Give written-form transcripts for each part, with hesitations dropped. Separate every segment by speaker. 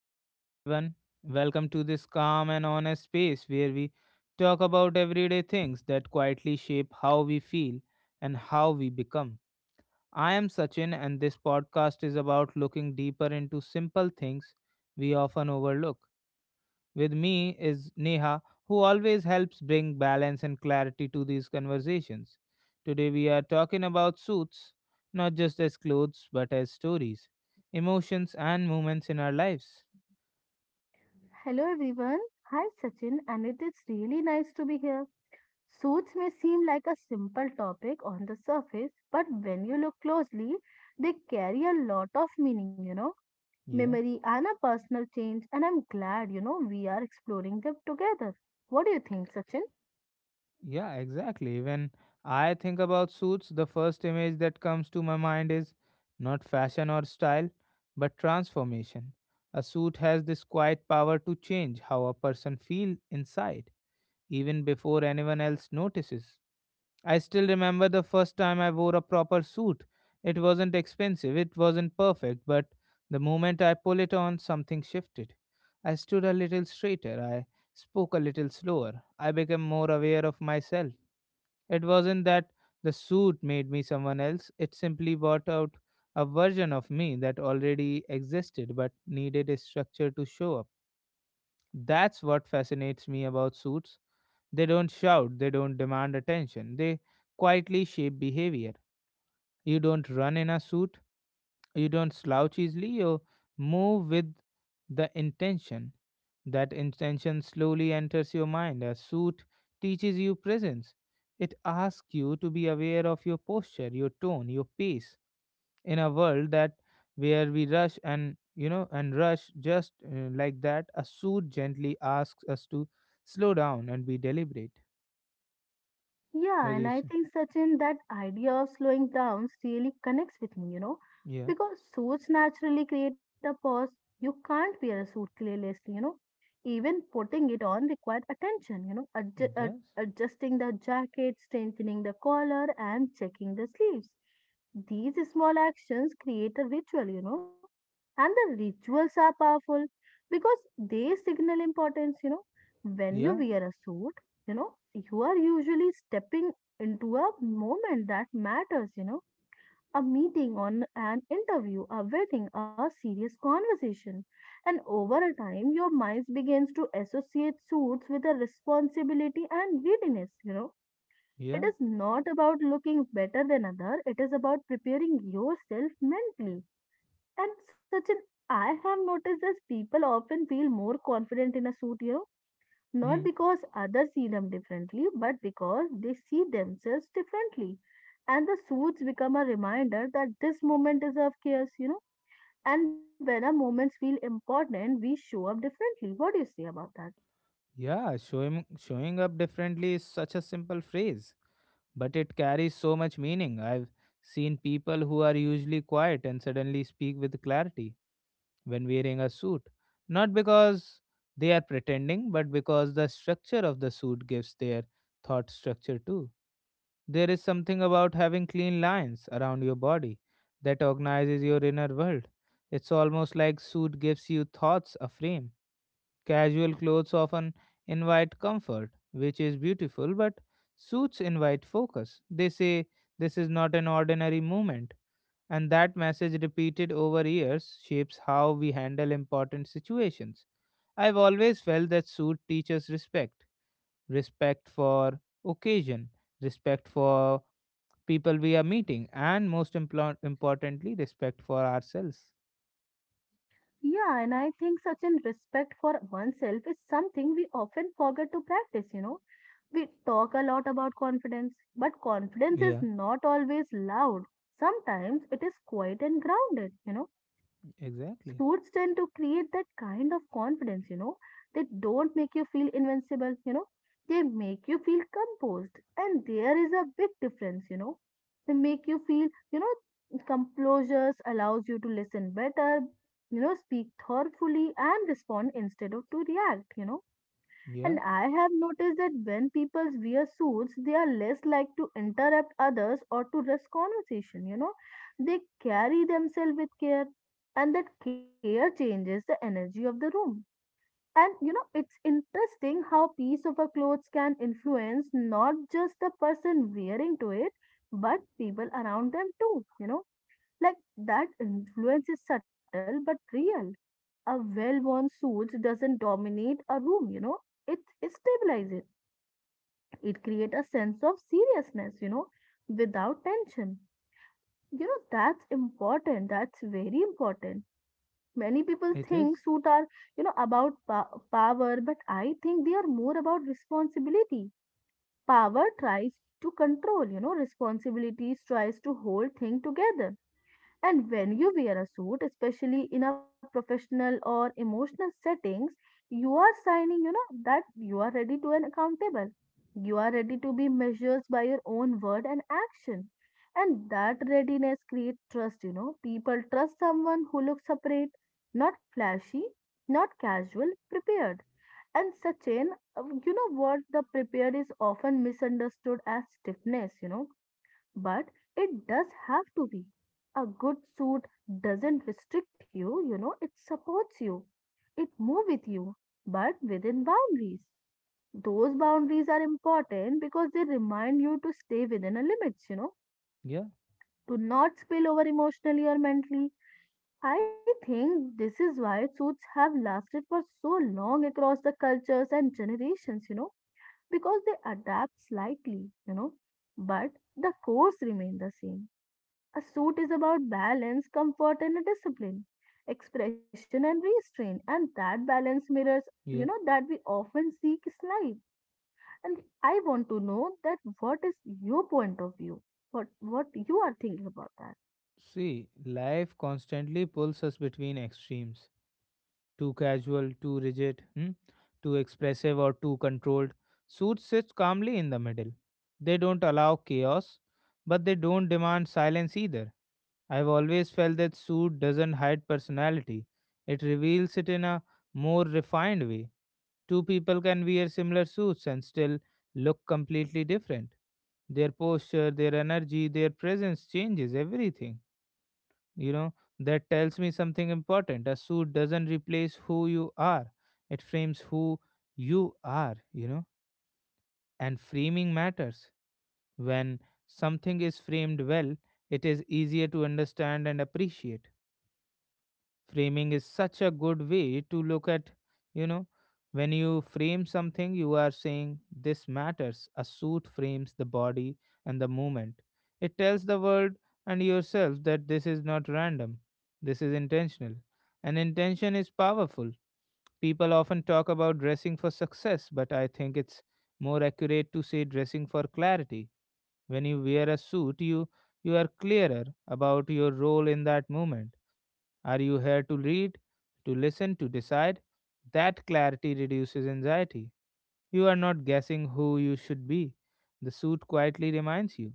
Speaker 1: Hello, everyone. Welcome to this calm and honest space where we talk about everyday things that quietly shape how we feel and how we become. I am Sachin, and this podcast is about looking deeper into simple things we often overlook. With me is Neha, who always helps bring balance and clarity to these conversations. Today, we are talking about suits, not just as clothes, but as stories, emotions, and moments in our lives.
Speaker 2: Hello everyone. Hi Sachin, and it is really nice to be here. Suits may seem like a simple topic on the surface, but when you look closely, they carry a lot of meaning,
Speaker 1: Yeah.
Speaker 2: memory and a personal change. And I'm glad, we are exploring them together. What do you think, Sachin?
Speaker 1: Yeah, exactly. When I think about suits, the first image that comes to my mind is not fashion or style, but transformation. A suit has this quiet power to change how a person feels inside, even before anyone else notices. I still remember the first time I wore a proper suit. It wasn't expensive, it wasn't perfect, but the moment I pulled it on, something shifted. I stood a little straighter, I spoke a little slower, I became more aware of myself. It wasn't that the suit made me someone else, it simply brought out a version of me that already existed but needed a structure to show up. That's what fascinates me about suits. They don't shout, they don't demand attention, they quietly shape behavior. You don't run in a suit, you don't slouch easily, you move with the intention that intention slowly enters your mind. A suit teaches you presence. It asks you to be aware of your posture, your tone, your pace in a world that where we rush and you know and rush just like that. A suit gently asks us to slow down and be deliberate.
Speaker 2: Yeah,
Speaker 1: What do
Speaker 2: and
Speaker 1: you
Speaker 2: I
Speaker 1: say?
Speaker 2: think Sachin, that idea of slowing down really connects with me,
Speaker 1: Yeah,
Speaker 2: because suits naturally create a pause. You can't wear a suit carelessly, you know. Even putting it on required attention,
Speaker 1: it does.
Speaker 2: adjusting the jacket, strengthening the collar, and checking the sleeves. These small actions create a ritual, you know, and the rituals are powerful because they signal importance, you know. When you
Speaker 1: Yeah,
Speaker 2: wear a suit, you know you are usually stepping into a moment that matters, you know, a meeting on an interview, a wedding, a serious conversation, and over a time your mind begins to associate suits with a responsibility and readiness, you know, it
Speaker 1: yeah.
Speaker 2: is not about looking better than other, it is about preparing yourself mentally, and such an I have noticed that people often feel more confident in a suit, you know, not
Speaker 1: Hmm.
Speaker 2: because others see them differently, but because they see themselves differently. And the suits become a reminder that this moment is of chaos, you know. And when our moments feel important, we show up differently. What do you say about that?
Speaker 1: Yeah. Showing up differently is such a simple phrase, but it carries so much meaning. I've seen people who are usually quiet and suddenly speak with clarity when wearing a suit, not because they are pretending, but because the structure of the suit gives their thought structure too. There is something about having clean lines around your body that organizes your inner world. It's almost like suit gives you thoughts a frame. Casual clothes often invite comfort, which is beautiful, but suits invite focus. They say this is not an ordinary moment, and that message repeated over years shapes how we handle important situations. I've always felt that suit teaches respect, respect for occasion, respect for people we are meeting, and most importantly, respect for ourselves.
Speaker 2: Yeah, and I think such an respect for oneself is something we often forget to practice, you know. We talk a lot about confidence, but confidence is
Speaker 1: Yeah,
Speaker 2: not always loud. Sometimes it is quiet and grounded, you know. Suits
Speaker 1: exactly.
Speaker 2: tend to create that kind of confidence, you know. They don't make you feel invincible, you know. They make you feel composed. And there is a big difference, you know. They make you feel, you know, composure allows you to listen better, you know, speak thoughtfully and respond instead of to react, you know, and
Speaker 1: Yeah,
Speaker 2: I have noticed that when people wear suits, they are less like to interrupt others or to rush conversation, you know. They carry themselves with care, and that care changes the energy of the room. And you know, it's interesting how piece of a clothes can influence not just the person wearing to it, but people around them too, you know. Like that influence is subtle but real. A well-worn suit doesn't dominate a room, you know, it stabilizes, it creates a sense of seriousness, you know, without tension. You know, that's important. That's very important. Many people
Speaker 1: it
Speaker 2: think
Speaker 1: is.
Speaker 2: suits are, you know, about power, but I think they are more about responsibility. Power tries to control, you know, responsibilities tries to hold things together, and when you wear a suit, especially in a professional or emotional settings, you are signing, you know, that you are ready to an accountable. You are ready to be measured by your own word and action. And that readiness creates trust, you know. People trust someone who looks separate, not flashy, not casual, prepared. And Sachin, you know what? The prepared is often misunderstood as stiffness, you know, but it does have to be. A good suit doesn't restrict you, you know, it supports you. It moves with you, but within boundaries. Those boundaries are important because they remind you to stay within a limits, you know,
Speaker 1: Yeah,
Speaker 2: to not spill over emotionally or mentally. I think this is why suits have lasted for so long across the cultures and generations, you know, because they adapt slightly, you know, but the cores remain the same, a suit is about balance, comfort, and a discipline, expression and restraint, and that balance mirrors, you know,
Speaker 1: yeah.
Speaker 2: that we often seek is life. And I want to know that what is your point of view, what you are thinking about that.
Speaker 1: See, life constantly pulls us between extremes. Too casual, too rigid, hmm? Too expressive, or too controlled. Suits sits calmly in the middle. They don't allow chaos, but they don't demand silence either. I've always felt that suit doesn't hide personality, it reveals it in a more refined way. Two people can wear similar suits and still look completely different. Their posture, their energy, their presence changes everything, you know. That tells me something important: a suit doesn't replace who you are, it frames who you are, you know. And framing matters. When something is framed well, it is easier to understand and appreciate. Framing is such a good way to look at, you know. When you frame something, you are saying this matters. A suit frames the body and the movement. It tells the world and yourself that this is not random, this is intentional. And intention is powerful. People often talk about dressing for success, but I think it's more accurate to say dressing for clarity. When you wear a suit, you are clearer about your role in that moment. Are you here to read, to listen, to decide? That clarity reduces anxiety. You are not guessing who you should be. The suit quietly reminds you.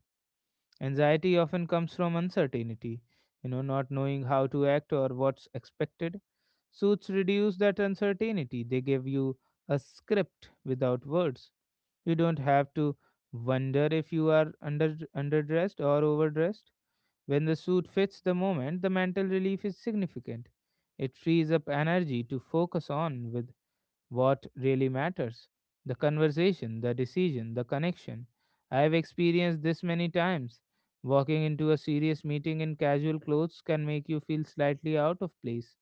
Speaker 1: Anxiety often comes from uncertainty, you know, not knowing how to act or what's expected. Suits reduce that uncertainty. They give you a script without words. You don't have to wonder if you are under underdressed or overdressed. When the suit fits the moment, the mental relief is significant. It frees up energy to focus on with what really matters: the conversation, the decision, the connection. I have experienced this many times. Walking into a serious meeting in casual clothes can make you feel slightly out of place,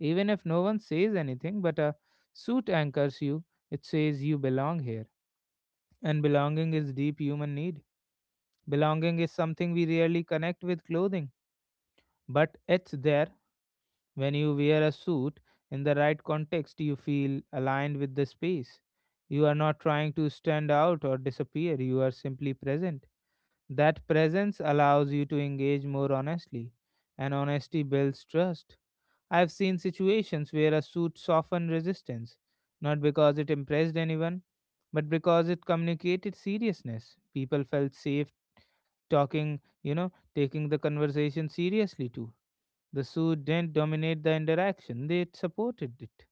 Speaker 1: even if no one says anything, but a suit anchors you. It says you belong here. And belonging is deep human need. Belonging is something we rarely connect with clothing, but it's there. When you wear a suit in the right context, you feel aligned with the space. You are not trying to stand out or disappear, you are simply present. That presence allows you to engage more honestly, and honesty builds trust. I've seen situations where a suit softened resistance, not because it impressed anyone, but because it communicated seriousness. People felt safe talking, you know, taking the conversation seriously too. The suit didn't dominate the interaction, they supported it.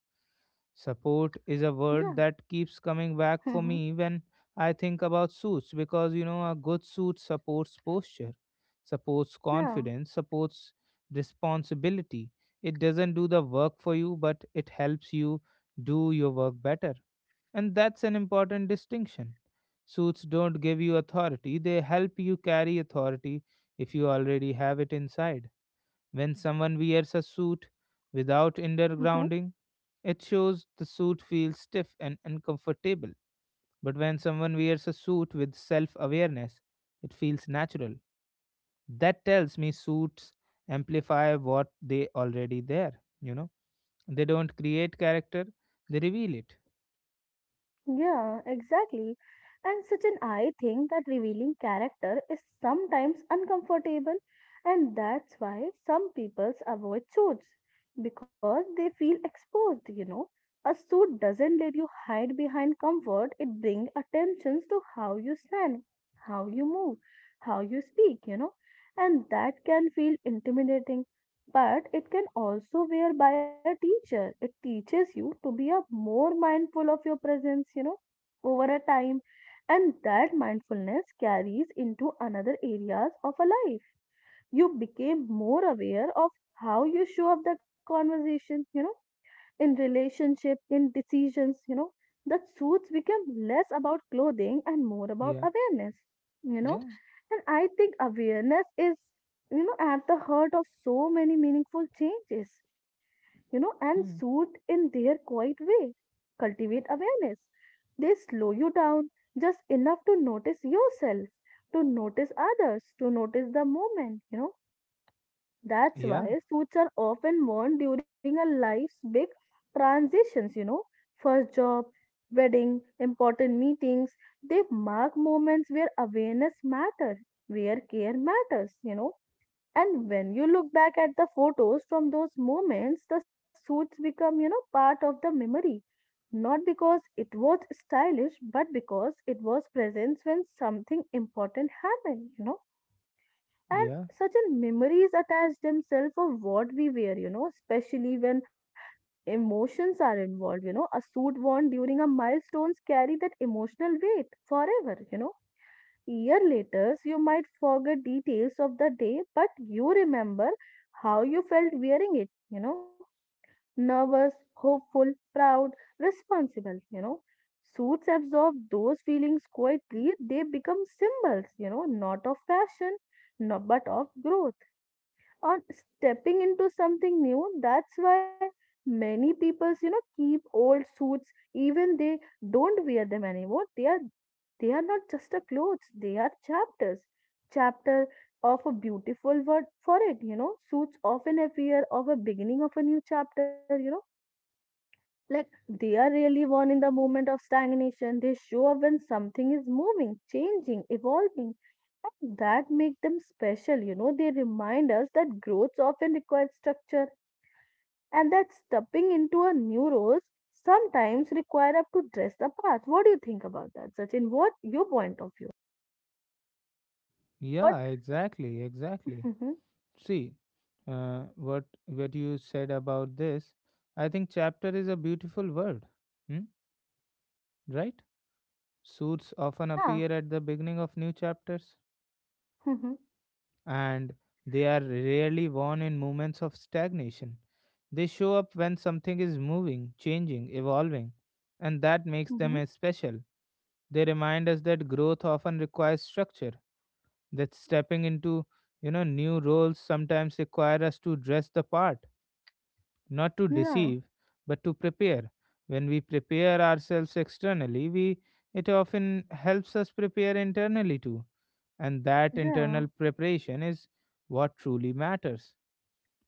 Speaker 1: Support is a
Speaker 2: Yeah,
Speaker 1: word that keeps coming back for me when I think about suits, because you know a good suit supports posture, supports
Speaker 2: yeah.
Speaker 1: confidence, supports responsibility. It doesn't do the work for you, but it helps you do your work better. And that's an important distinction. Suits don't give you authority, they help you carry authority if you already have it inside. When someone wears a suit without
Speaker 2: Mhm.
Speaker 1: undergrounding, it shows the suit feels stiff and uncomfortable. But when someone wears a suit with self awareness, it feels natural. That tells me suits amplify what they already there, you know. They don't create character, they reveal it.
Speaker 2: Yeah, exactly. And Sachin, I think that revealing character is sometimes uncomfortable, and that's why some peoples avoid suits because they feel exposed, you know. A suit doesn't let you hide behind comfort, it brings attention to how you stand, how you move, how you speak, you know, and that can feel intimidating, but it can also wear by a teacher. It teaches you to be a more mindful of your presence, you know, over a time. And that mindfulness carries into another areas of a life. You became more aware of how you show up the conversation, you know, in relationship, in decisions, you know, that suits became less about clothing and more about
Speaker 1: Yeah.
Speaker 2: awareness, you know.
Speaker 1: Yeah.
Speaker 2: And I think awareness is, you know, at the heart of so many meaningful changes, you know, and
Speaker 1: Hmm.
Speaker 2: suit in their quiet way cultivate awareness. They slow you down just enough to notice yourself, to notice others, to notice the moment, you know, that's
Speaker 1: Yeah.
Speaker 2: why suits are often worn during a life's big transitions, you know, first job, wedding, important meetings. They mark moments where awareness matters, where care matters, you know. And when you look back at the photos from those moments, the suits become, you know, part of the memory. Not because it was stylish, but because it was presence when something important happened, you know, and
Speaker 1: Yeah.
Speaker 2: certain memories attach themselves of what we wear, you know, especially when emotions are involved, you know, a suit worn during a milestones carry that emotional weight forever, you know, year later you might forget details of the day, but you remember how you felt wearing it, you know, nervous, hopeful, proud, responsible, you know, suits absorb those feelings quietly, they become symbols, you know, not of fashion, no, but of growth, on stepping into something new. That's why many people, you know, keep old suits, even they don't wear them anymore. They are not just a clothes, they are chapters. Chapter of a beautiful word for it, you know. Suits often appear of a beginning of a new chapter, you know, like they are really born in the moment of stagnation. They show up when something is moving, changing, evolving. And that make them special, you know. They remind us that growth often requires structure and that stepping into a new role sometimes require up to dress the path. What do you think about that, Sachin? What your point of view? What?
Speaker 1: Yeah, exactly, exactly.
Speaker 2: Mhm.
Speaker 1: See, what you said about this, I think chapter is a beautiful word, hmm? Right? Suits often
Speaker 2: Yeah.
Speaker 1: appear at the beginning of new chapters,
Speaker 2: Mhm.
Speaker 1: and they are rarely worn in moments of stagnation. They show up when something is moving, changing, evolving, and that makes
Speaker 2: Mhm.
Speaker 1: them special. They remind us that growth often requires structure, that stepping into, you know, new roles sometimes require us to dress the part, not to
Speaker 2: Yeah.
Speaker 1: deceive, but to prepare. When we prepare ourselves externally, we it often helps us prepare internally too. And that
Speaker 2: Yeah.
Speaker 1: internal preparation is what truly matters.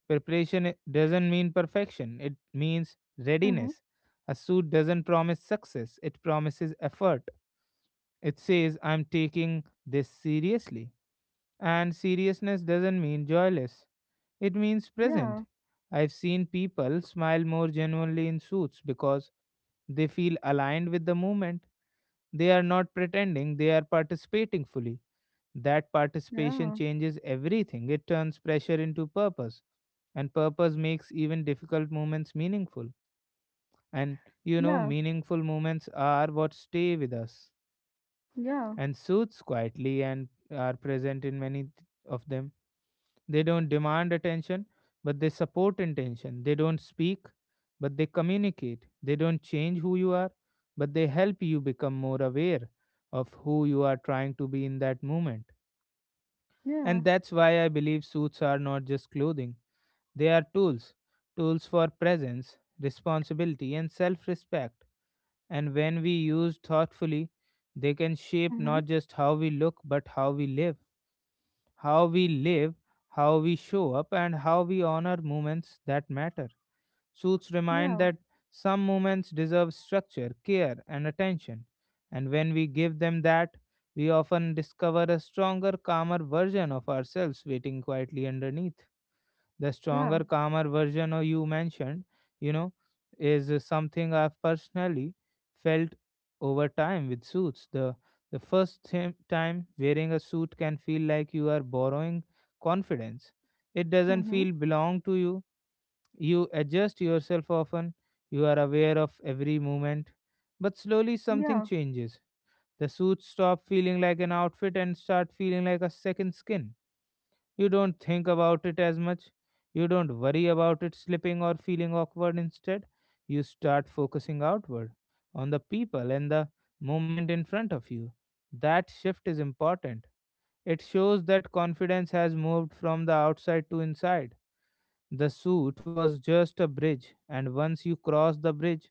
Speaker 1: Preparation doesn't mean perfection, it means
Speaker 2: Mhm.
Speaker 1: readiness. A suit doesn't promise success, it promises effort. It says, I'm taking this seriously. And seriousness doesn't mean joyless, it means present.
Speaker 2: Yeah.
Speaker 1: I've seen people smile more genuinely in suits because they feel aligned with the movement. They are not pretending, they are participating fully. That participation
Speaker 2: Yeah.
Speaker 1: changes everything, it turns pressure into purpose, and purpose makes even difficult moments meaningful. And you know,
Speaker 2: Yeah.
Speaker 1: meaningful moments are what stay with us,
Speaker 2: Yeah.
Speaker 1: and suits quietly and are present in many of them. They don't demand attention, but they support intention. They don't speak, but they communicate. They don't change who you are, but they help you become more aware of who you are trying to be in that moment. And
Speaker 2: Yeah.
Speaker 1: that's why I believe suits are not just clothing, they are tools, tools for presence, responsibility, and self respect. And when we use thoughtfully, they can shape
Speaker 2: Mhm.
Speaker 1: not just how we look, but how we live. How we live, how we show up, and how we honor moments that matter. Suits
Speaker 2: Yeah.
Speaker 1: remind that some moments deserve structure, care, and attention. And when we give them that, we often discover a stronger, calmer version of ourselves waiting quietly underneath. The stronger,
Speaker 2: Yeah.
Speaker 1: calmer version of you mentioned, you know, is something I've personally felt over time with suits. The first time wearing a suit can feel like you are borrowing confidence. It doesn't
Speaker 2: Mm-hmm.
Speaker 1: feel belong to you. You adjust yourself often. You are aware of every movement. But slowly
Speaker 2: Yeah.
Speaker 1: something changes. The suit stop feeling like an outfit and start feeling like a second skin. You don't think about it as much. You don't worry about it slipping or feeling awkward. Instead, you start focusing outward on the people and the moment in front of you. That shift is important. It shows that confidence has moved from the outside to inside. The suit was just a bridge, and once you cross the bridge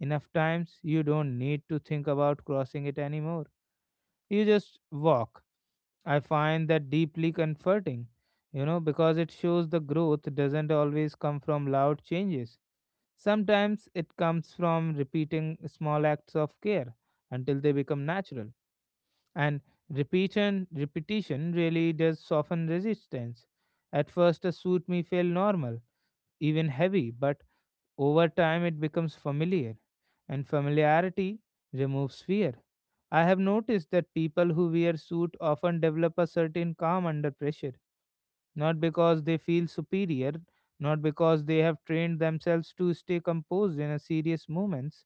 Speaker 1: enough times, you don't need to think about crossing it anymore. You just walk. I find that deeply comforting, you know, because it shows the growth doesn't always come from loud changes. Sometimes it comes from repeating small acts of care until they become natural. And repetition really does soften resistance. At first, a suit may feel normal, even heavy, but over time it becomes familiar, and familiarity removes fear. I have noticed that people who wear suit often develop a certain calm under pressure, not because they feel superior, not because they have trained themselves to stay composed in a serious moments.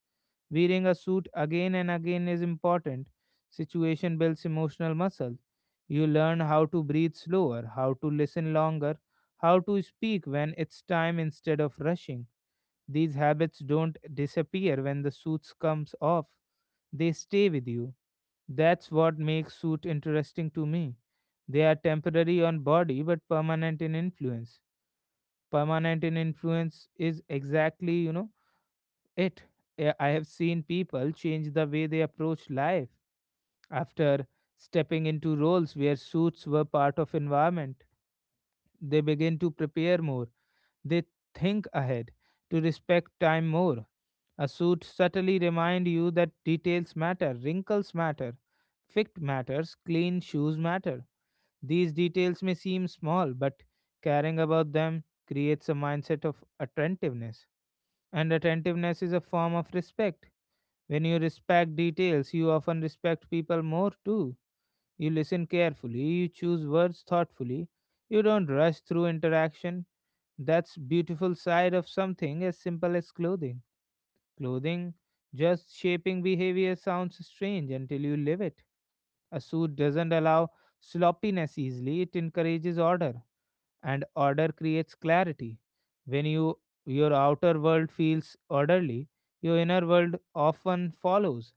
Speaker 1: Wearing a suit again and again is important. Situation builds emotional muscle. You learn how to breathe slower, how to listen longer, how to speak when it's time instead of rushing. These habits don't disappear when the suits comes off. They stay with you. That's what makes suit interesting to me. They are temporary on body but permanent in influence. Permanent in influence is exactly, it. I have seen people change the way they approach life after stepping into roles where suits were part of environment. They begin to prepare more. They think ahead to respect time more. A suit subtly remind you that details matter, wrinkles matter, fit matters, clean shoes matter. These details may seem small, but caring about them creates a mindset of attentiveness. And attentiveness is a form of respect when you respect details, you often respect people more too. You listen carefully, you choose words thoughtfully, you don't rush through interaction. That's beautiful side of something as simple as clothing. Clothing just shaping behavior sounds strange until you live it. A suit doesn't allow sloppiness easily, it encourages order, and order creates clarity. When you your outer world feels orderly, your inner world often follows.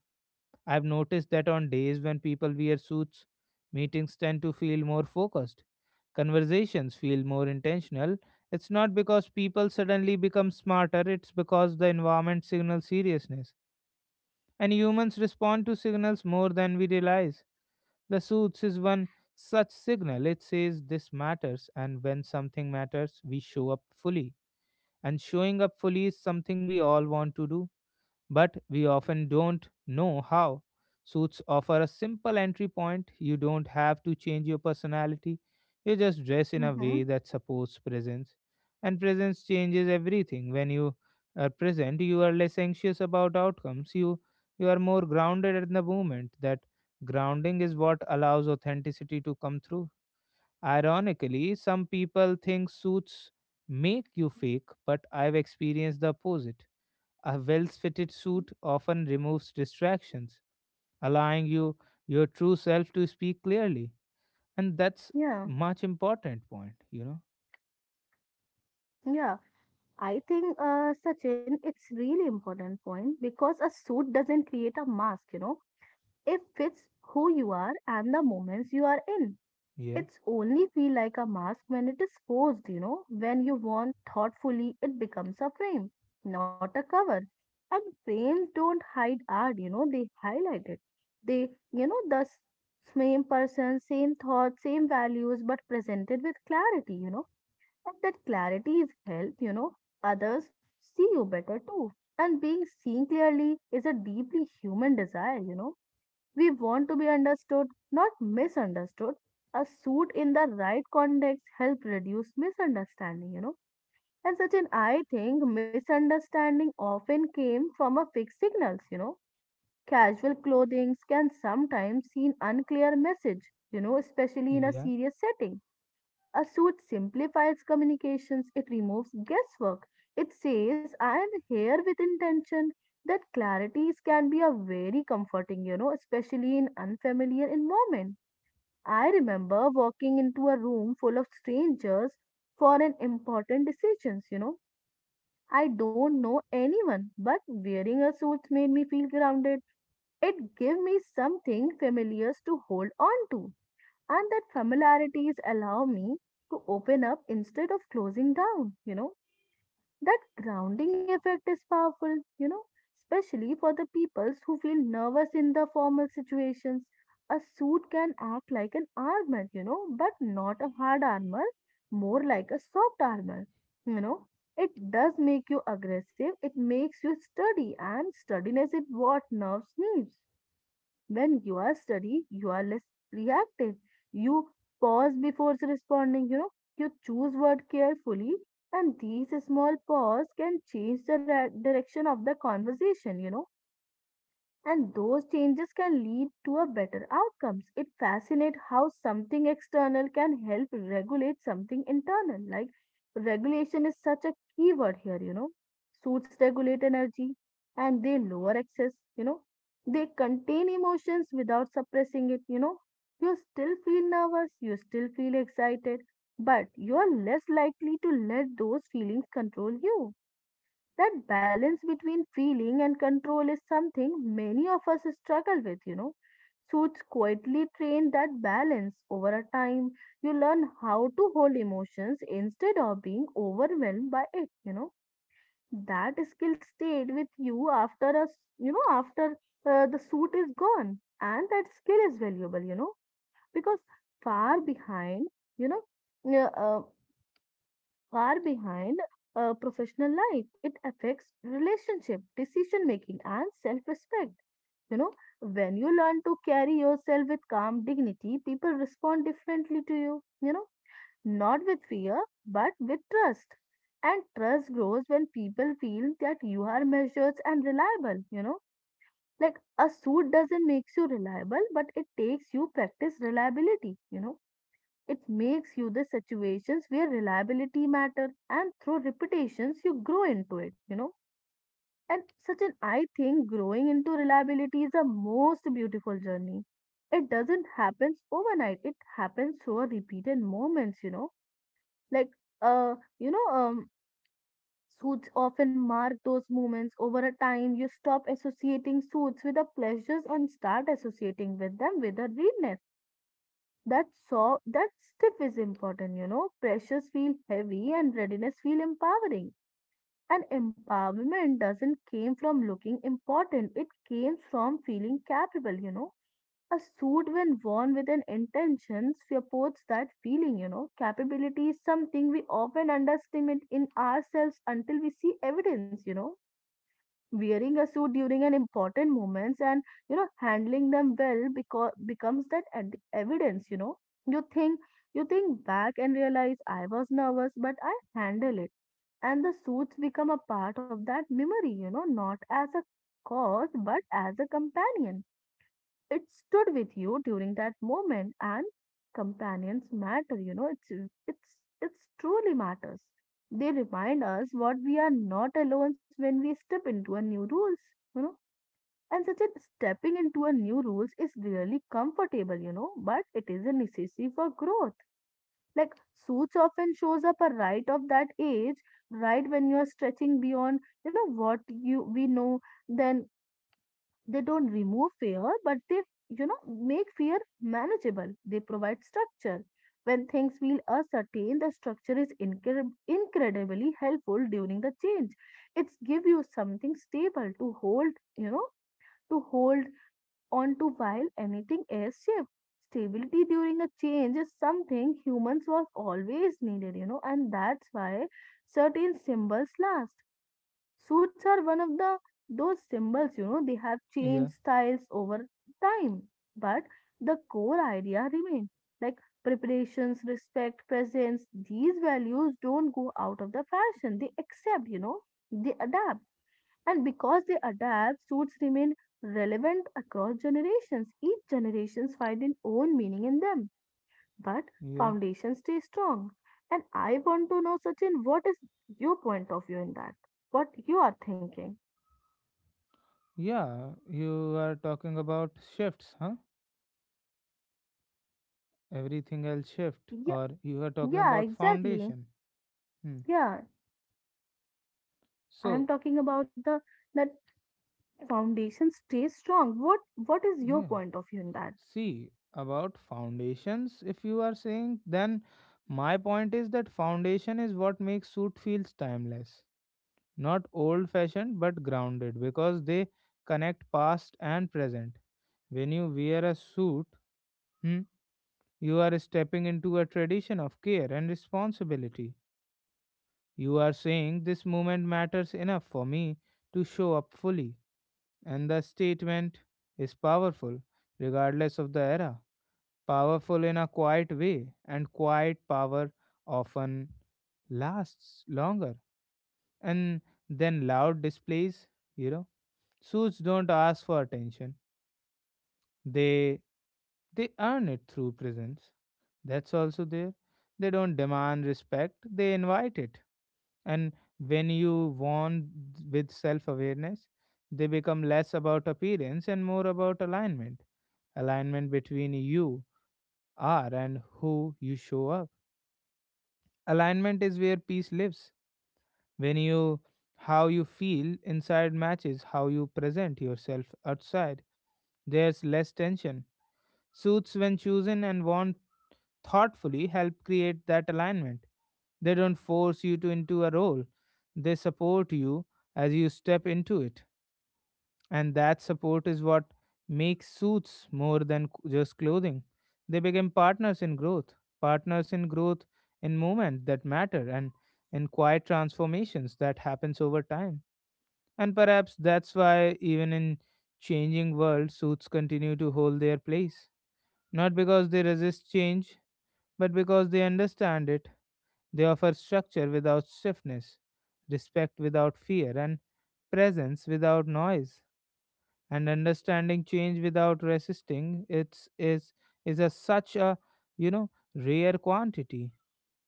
Speaker 1: I've noticed that on days when people wear suits, meetings tend to feel more focused. Conversations feel more intentional. It's not because people suddenly become smarter, it's because the environment signals seriousness. And humans respond to signals more than we realize. The suits is one such signal. It says this matters, and when something matters, we show up fully. And showing up fully is something we all want to do but we often don't know how. Suits offer a simple entry point. You don't have to change your personality. You just dress in a
Speaker 2: Mm-hmm.
Speaker 1: way that supports presence. And presence changes everything. When you are present, you are less anxious about outcomes. You are more grounded in the moment. That grounding is what allows authenticity to come through. Ironically, some people think suits make you fake, but I've experienced the opposite. A well fitted suit often removes distractions, allowing you your true self to speak clearly. And that's
Speaker 2: Yeah,
Speaker 1: much important point, you know?
Speaker 2: yeah. I think, Sachin, it's really important point because a suit doesn't create a mask, you know. It fits who you are and the moments you are in.
Speaker 1: Yeah,
Speaker 2: It's only feel like a mask when it is forced, you know. When you want thoughtfully, it becomes a frame, not a cover. And frames don't hide art, you know, they highlight it. They, you know, the same person, same thoughts, same values, but presented with clarity, you know. And that clarity is help, you know, others see you better too. And being seen clearly is a deeply human desire, you know. We want to be understood, not misunderstood. A suit in the right context help reduce misunderstanding, you know. And such an I think misunderstanding often came from a fixed signals, you know. Casual clothing can sometimes seen unclear message, you know, especially in a
Speaker 1: yeah,
Speaker 2: serious setting, a suit simplifies communications, it removes guesswork. It says, I am here with intention. That clarities can be a very comforting, you know, especially in unfamiliar environment. I remember walking into a room full of strangers for an important decisions, you know. I don't know anyone, but wearing a suit made me feel grounded. It gave me something familiar to hold on to, and that familiarities allow me to open up instead of closing down, you know, that grounding effect is powerful, you know, especially for the peoples who feel nervous in the formal situations, a suit can act like an armor, you know, but not a hard armor, more like a soft armor, you know, it does make you aggressive, it makes you sturdy, and sturdiness is what nerves need. When you are study, you are less reactive. You pause before responding, you know, you choose word carefully, and these small pause can change the direction of the conversation, you know, and those changes can lead to a better outcomes, it fascinates how something external can help regulate something internal, like regulation is such a key word here, you know, suits regulate energy, and they lower excess, you know, they contain emotions without suppressing it, you know, you still feel nervous, you still feel excited, but you are less likely to let those feelings control you, that balance between feeling and control is something many of us struggle with, you know. Suits quietly train that balance over a time. You learn how to hold emotions instead of being overwhelmed by it, That skill stayed with you after a, s- you know, after the suit is gone. And that skill is valuable, because far behind, you know, yeah, uh, far behind professional life. It affects relationship, decision making, and self respect. You know, when you learn to carry yourself with calm dignity, people respond differently to you, not with fear, but with trust. And trust grows when people feel that you are measured and reliable, Like a suit doesn't make you reliable, but it takes you practice reliability, it makes you the situations where reliability matter, and through repetitions you grow into it, And such an I think growing into reliability is the most beautiful journey. It doesn't happen overnight. It happens through a repeated moments, Like uh, you know, um suits often mark those moments over a time. You stop associating suits with the pleasures and start associating with them with a realness that so that stiff is important, Pressures feel heavy and readiness feel empowering. And empowerment doesn't came from looking important. It came from feeling capable, A suit when worn with an intention supports that feeling, Capability is something we often underestimate in ourselves until we see evidence, wearing a suit during an important moments and you know handling them well because becomes that evidence, you think you think back and realize I was nervous but I handle it, and the suits become a part of that memory, not as a cause but as a companion. It stood with you during that moment, and companions matter, you know, it's it's truly matters. They remind us what we are not alone when we step into a new rules, you know. And such a stepping into a new rules is really comfortable, but it is a necessity for growth. Like suits often shows up a right of that age, right when you are stretching beyond, what you we know, then they don't remove fear, but they, make fear manageable. They provide structure. When things feel uncertain, the structure is incredibly helpful during the change. It's give you something stable to hold, you know, to hold on to while anything else shifts. Stability during a change is something humans was always needed, and that's why certain symbols last. Suits are one of the those symbols, they have changed
Speaker 1: yeah,
Speaker 2: styles over time, but the core idea remains like preparations, respect, presence. These values don't go out of the fashion. They accept, they adapt. And because they adapt, suits remain relevant across generations. Each generations find an own meaning in them, but
Speaker 1: yeah.
Speaker 2: foundations stay strong. And I want to know, Sachin, what is your point of view in that? What you are thinking?
Speaker 1: Yeah, you are talking about shifts, huh? Everything else shift,
Speaker 2: Yeah,
Speaker 1: or you are talking
Speaker 2: yeah,
Speaker 1: about
Speaker 2: exactly.
Speaker 1: foundation. Hmm.
Speaker 2: Yeah, I'm
Speaker 1: So,
Speaker 2: talking about the that foundation stays strong. What is your
Speaker 1: yeah,
Speaker 2: point of view in that?
Speaker 1: see about foundations, if you are saying, then my point is that foundation is what makes suit feels timeless. Not old fashioned, but grounded because they connect past and present. When you wear a suit, hmm, you are stepping into a tradition of care and responsibility. You are saying this moment matters enough for me to show up fully. And the statement is powerful, regardless of the era. Powerful in a quiet way, and quiet power often lasts longer. And then loud displays, you know. Suits don't ask for attention. They they earn it through presence. That's also there. They don't demand respect, they invite it. And when you want with self-awareness, they become less about appearance and more about alignment. Alignment between you are and who you show up. Alignment is where peace lives. When you how you feel inside matches how you present yourself outside, there's less tension. Suits, when chosen and worn thoughtfully, help create that alignment. They don't force you to into a role. They support you as you step into it. And that support is what makes suits more than just clothing. They become partners in growth in moments that matter and in quiet transformations that happens over time. And perhaps that's why even in changing world suits continue to hold their place, not because they resist change but because they understand it, they offer structure without stiffness, respect without fear, and presence without noise. And understanding change without resisting it's is a such a, you know, rare quantity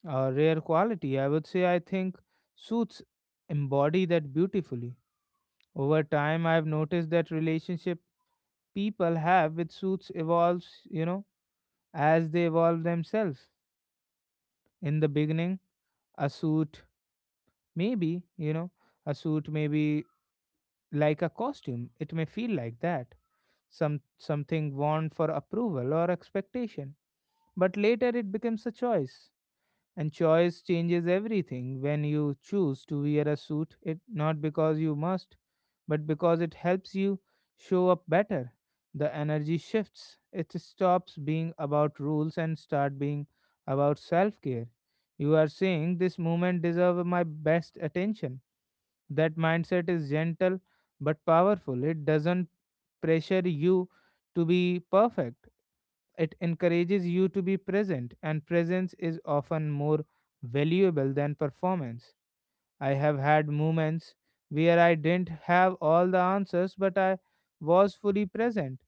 Speaker 1: or rare quality. I would say I think suits embody that beautifully. Over time I've noticed that relationship people have with suits evolves, you know, as they evolve themselves. In the beginning, a suit maybe, you know, a suit may be like a costume. It may feel like that. Some something worn for approval or expectation. But later it becomes a choice. And choice changes everything. When you choose to wear a suit, it not because you must, but because it helps you show up better. The energy shifts. It stops being about rules and start being about self-care. You are saying this moment deserves my best attention. That mindset is gentle but powerful. It doesn't pressure you to be perfect, it encourages you to be present, and presence is often more valuable than performance. I have had moments where I didn't have all the answers, but I was fully present,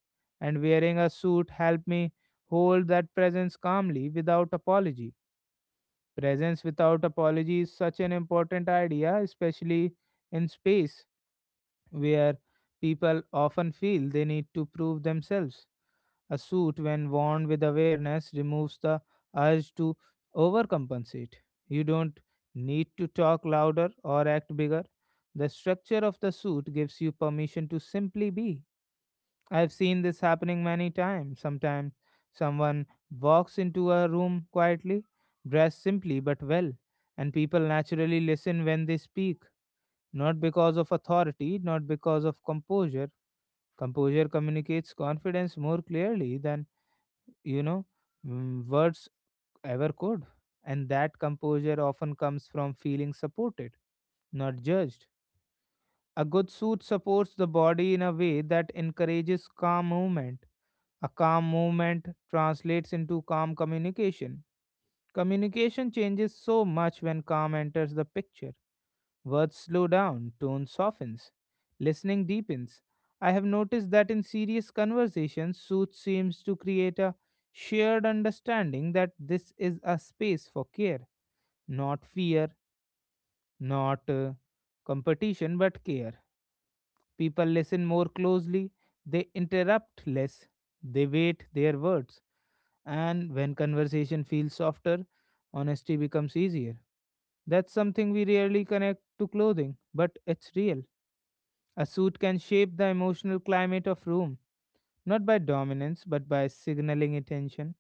Speaker 1: and wearing a suit helped me hold that presence calmly without apology. Presence without apology is such an important idea, especially in space where people often feel they need to prove themselves. A suit, when worn with awareness, removes the urge to overcompensate. You don't need to talk louder or act bigger. The structure of the suit gives you permission to simply be. I've seen this happening many times. Sometimes someone walks into a room quietly, dressed simply but well, and people naturally listen when they speak, not because of authority, not because of composure. Composure communicates confidence more clearly than, you know, words ever could. And that composure often comes from feeling supported, not judged. A good suit supports the body in a way that encourages calm movement. A calm movement translates into calm communication. Communication changes so much when calm enters the picture. Words slow down, tone softens, listening deepens. I have noticed that in serious conversations, Sooth seems to create a shared understanding that this is a space for care, not fear, not competition, but care. People listen more closely, they interrupt less, they wait their words, and when conversation feels softer, honesty becomes easier. That's something we rarely connect to clothing, but it's real. A suit can shape the emotional climate of room, not by dominance, but by signaling intention,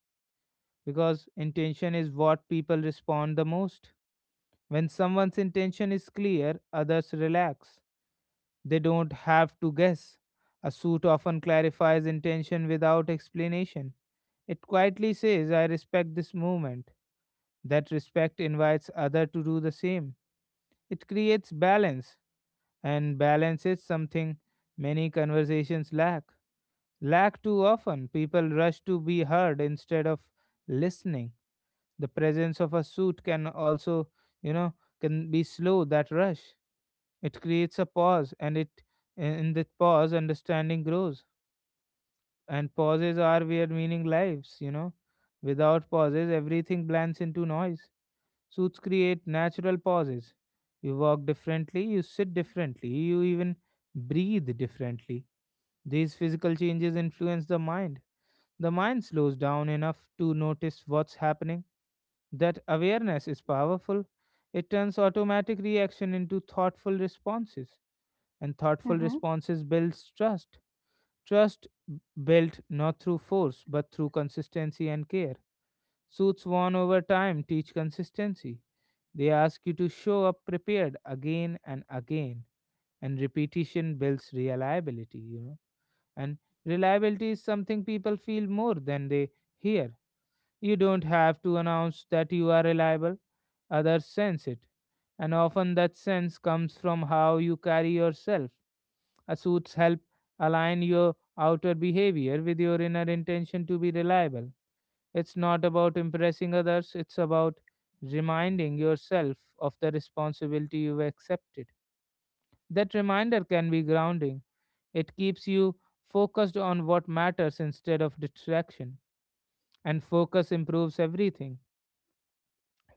Speaker 1: because intention is what people respond the most. When someone's intention is clear, others relax. They don't have to guess. A suit often clarifies intention without explanation. It quietly says, I respect this movement. That respect invites others to do the same. It creates balance, and balance is something many conversations lack. Lack too often, people rush to be heard instead of listening. The presence of a suit can also, you know, can be slow that rush. It creates a pause, and it in that pause, understanding grows. And pauses are where meaning lives, you know. Without pauses, everything blends into noise. Suits create natural pauses. You walk differently, you sit differently, you even breathe differently. These physical changes influence the mind. The mind slows down enough to notice what's happening. That awareness is powerful. It turns automatic reaction into thoughtful responses, and thoughtful
Speaker 2: Mm-hmm.
Speaker 1: responses builds trust. Built not through force but through consistency and care. Suits won over time teach consistency. They ask you to show up prepared again and again, and repetition builds reliability, you know. And reliability is something people feel more than they hear. You don't have to announce that you are reliable, others sense it. And often that sense comes from how you carry yourself. A suits help align your outer behavior with your inner intention to be reliable. It's not about impressing others, it's about reminding yourself of the responsibility you've accepted. That reminder can be grounding. It keeps you focused on what matters instead of distraction. And focus improves everything.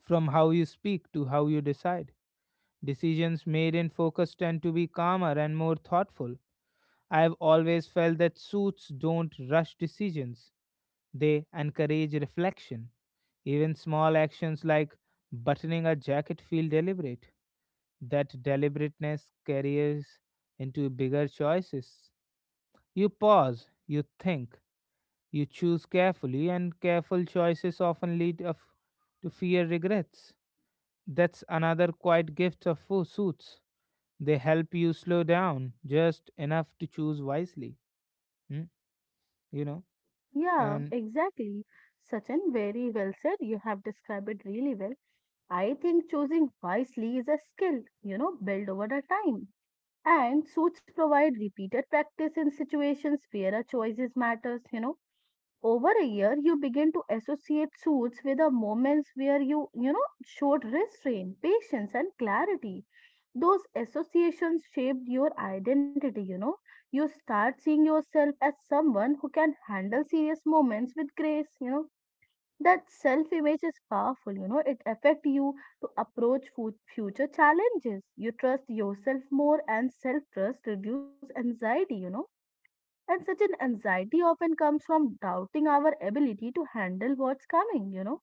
Speaker 1: From how you speak to how you decide, decisions made in focus tend to be calmer and more thoughtful. I have always felt that suits don't rush decisions, they encourage reflection. Even small actions like buttoning a jacket feel deliberate. That deliberateness carries into bigger choices. You pause, you think, you choose carefully, and careful choices often lead of, to fear regrets. That's another quiet gift of suits. They help you slow down just enough to choose wisely. Hmm? You know?
Speaker 2: Yeah,
Speaker 1: And
Speaker 2: exactly. Sachin, very well said. You have described it really well. I think choosing wisely is a skill, built over the time. And suits provide repeated practice in situations where our choices matters, Over a year, you begin to associate suits with the moments where you, showed restraint, patience, and clarity. Those associations shaped your identity, you know. You start seeing yourself as someone who can handle serious moments with grace, that self image is powerful, it affect you to approach future challenges. You trust yourself more, and self trust reduce anxiety, and such an anxiety often comes from doubting our ability to handle what's coming,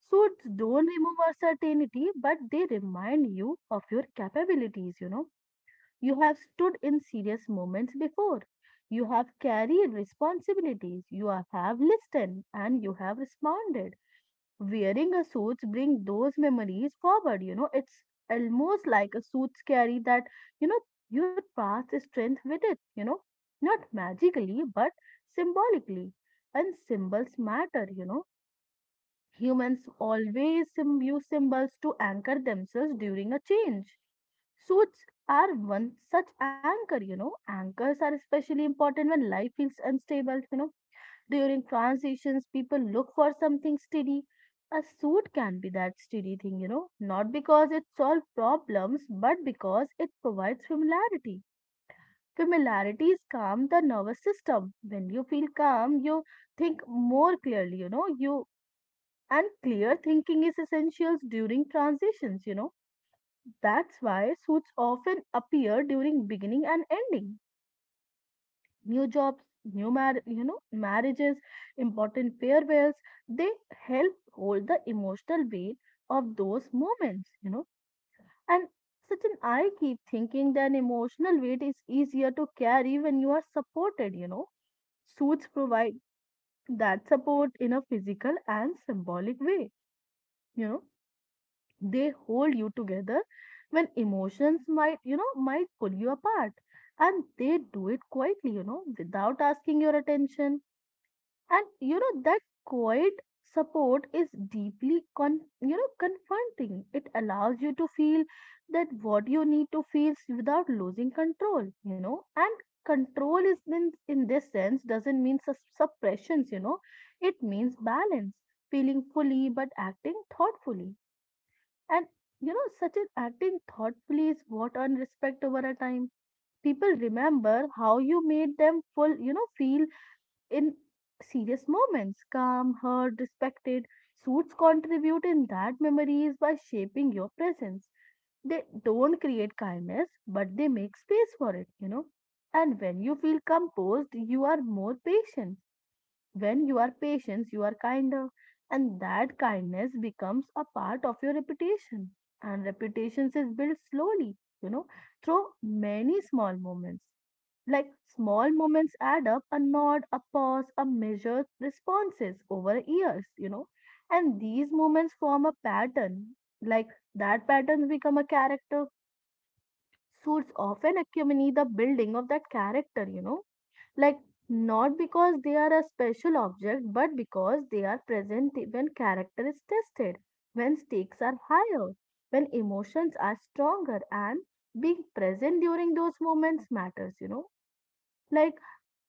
Speaker 2: so it's don't remove our certainty but they remind you of your capabilities, you have stood in serious moments before, you have carried responsibilities, you have listened and you have responded. Wearing a suits bring those memories forward. It's almost like a suits carry that, you know, your past strength with it, not magically, but symbolically. And symbols matter, Humans always use symbols to anchor themselves during a change. Suits are one such anchor, anchors are especially important when life feels unstable, during transitions, people look for something steady. A suit can be that steady thing, not because it solves problems, but because it provides familiarity. Familiarities calm the nervous system. When you feel calm, you think more clearly, you know, you and clear thinking is essential during transitions, That's why suits often appear during beginning and ending new jobs, new marriages, important farewells. They help hold the emotional weight of those moments, And Sachin, I keep thinking that emotional weight is easier to carry when you are supported, Suits provide that support in a physical and symbolic way, you know. They hold you together when emotions might, might pull you apart. And they do it quietly, without asking your attention, and that quiet support is deeply confronting. It allows you to feel that what you need to feel without losing control, and control is in this sense doesn't mean suppressions, it means balance, feeling fully but acting thoughtfully, and such an acting thoughtfully is what earn respect over a time. People remember how you made them full feel in serious moments. Calm, heard, respected. Suits contribute in that memories by shaping your presence. They don't create kindness, but they make space for it, And when you feel composed, you are more patient. When you are patient, you are kinder. And that kindness becomes a part of your reputation. And reputations is built slowly, you know, through many small moments. Like small moments add up: a nod, a pause, a measured responses over years, And these moments form a pattern. Like that patterns become a character. Suits often accompany the building of that character, Like not because they are a special object, but because they are present when character is tested, when stakes are higher, when emotions are stronger, and being present during those moments matters, Like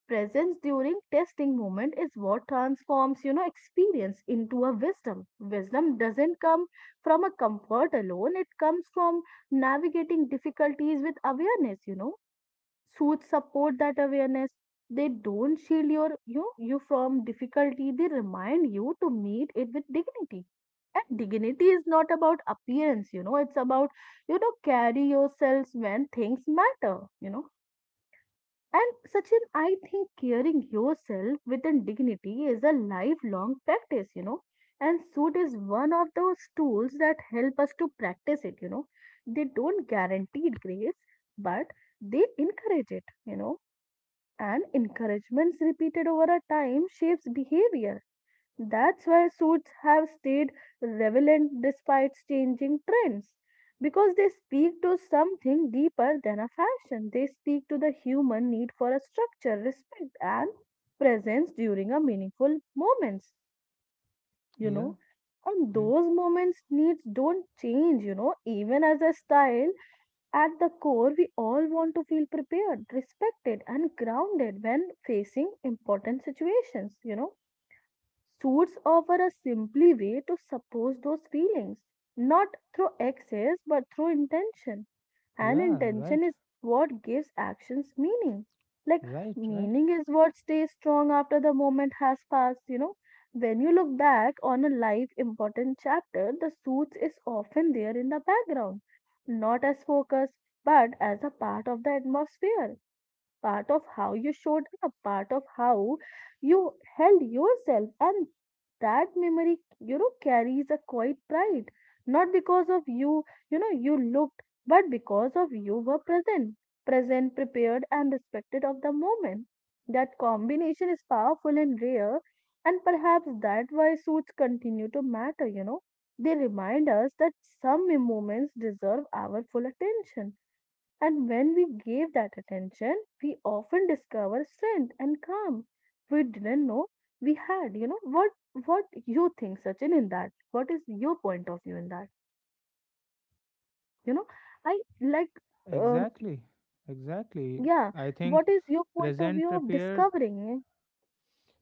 Speaker 2: presence during testing moment is what transforms experience into a wisdom. Wisdom doesn't come from a comfort alone, it comes from navigating difficulties with awareness, suits support that awareness. They don't shield you from difficulty, they remind you to meet it with dignity. And dignity is not about appearance, it's about carry yourselves when things matter, and Sachin, I think caring yourself with a dignity is a lifelong practice, And suit is one of those tools that help us to practice it, They don't guarantee grace, but they encourage it, And encouragements repeated over a time shapes behavior. That's why suits have stayed relevant despite changing trends. Because they speak to something deeper than a fashion. They speak to the human need for a structure, respect, and presence during a meaningful moments, you
Speaker 1: yeah,
Speaker 2: know. And
Speaker 1: hmm.
Speaker 2: those moments needs don't change, Even as a style, at the core, we all want to feel prepared, respected, and grounded when facing important situations, suits offer a simply way to suppose those feelings, not through excess but through intention. And
Speaker 1: Yeah,
Speaker 2: intention
Speaker 1: right,
Speaker 2: is what gives actions meaning. Like
Speaker 1: right, right.
Speaker 2: meaning is what stays strong after the moment has passed, When you look back on a life important chapter, the suits is often there in the background, not as focus but as a part of the atmosphere, part of how you showed up, part of how you held yourself. And that memory, carries a quiet pride. Not because of you, you looked, but because of you were present, present, prepared, and respected of the moment. That combination is powerful and rare, and perhaps that why suits continue to matter, They remind us that some moments deserve our full attention, and when we gave that attention, we often discover strength and calm we didn't know we had. You know what? What you think, Sachin, in that? What is your point of view in that? You know, I like, um,
Speaker 1: Exactly, exactly.
Speaker 2: yeah.
Speaker 1: I think
Speaker 2: What is your point of
Speaker 1: present
Speaker 2: view of
Speaker 1: prepared.
Speaker 2: discovering?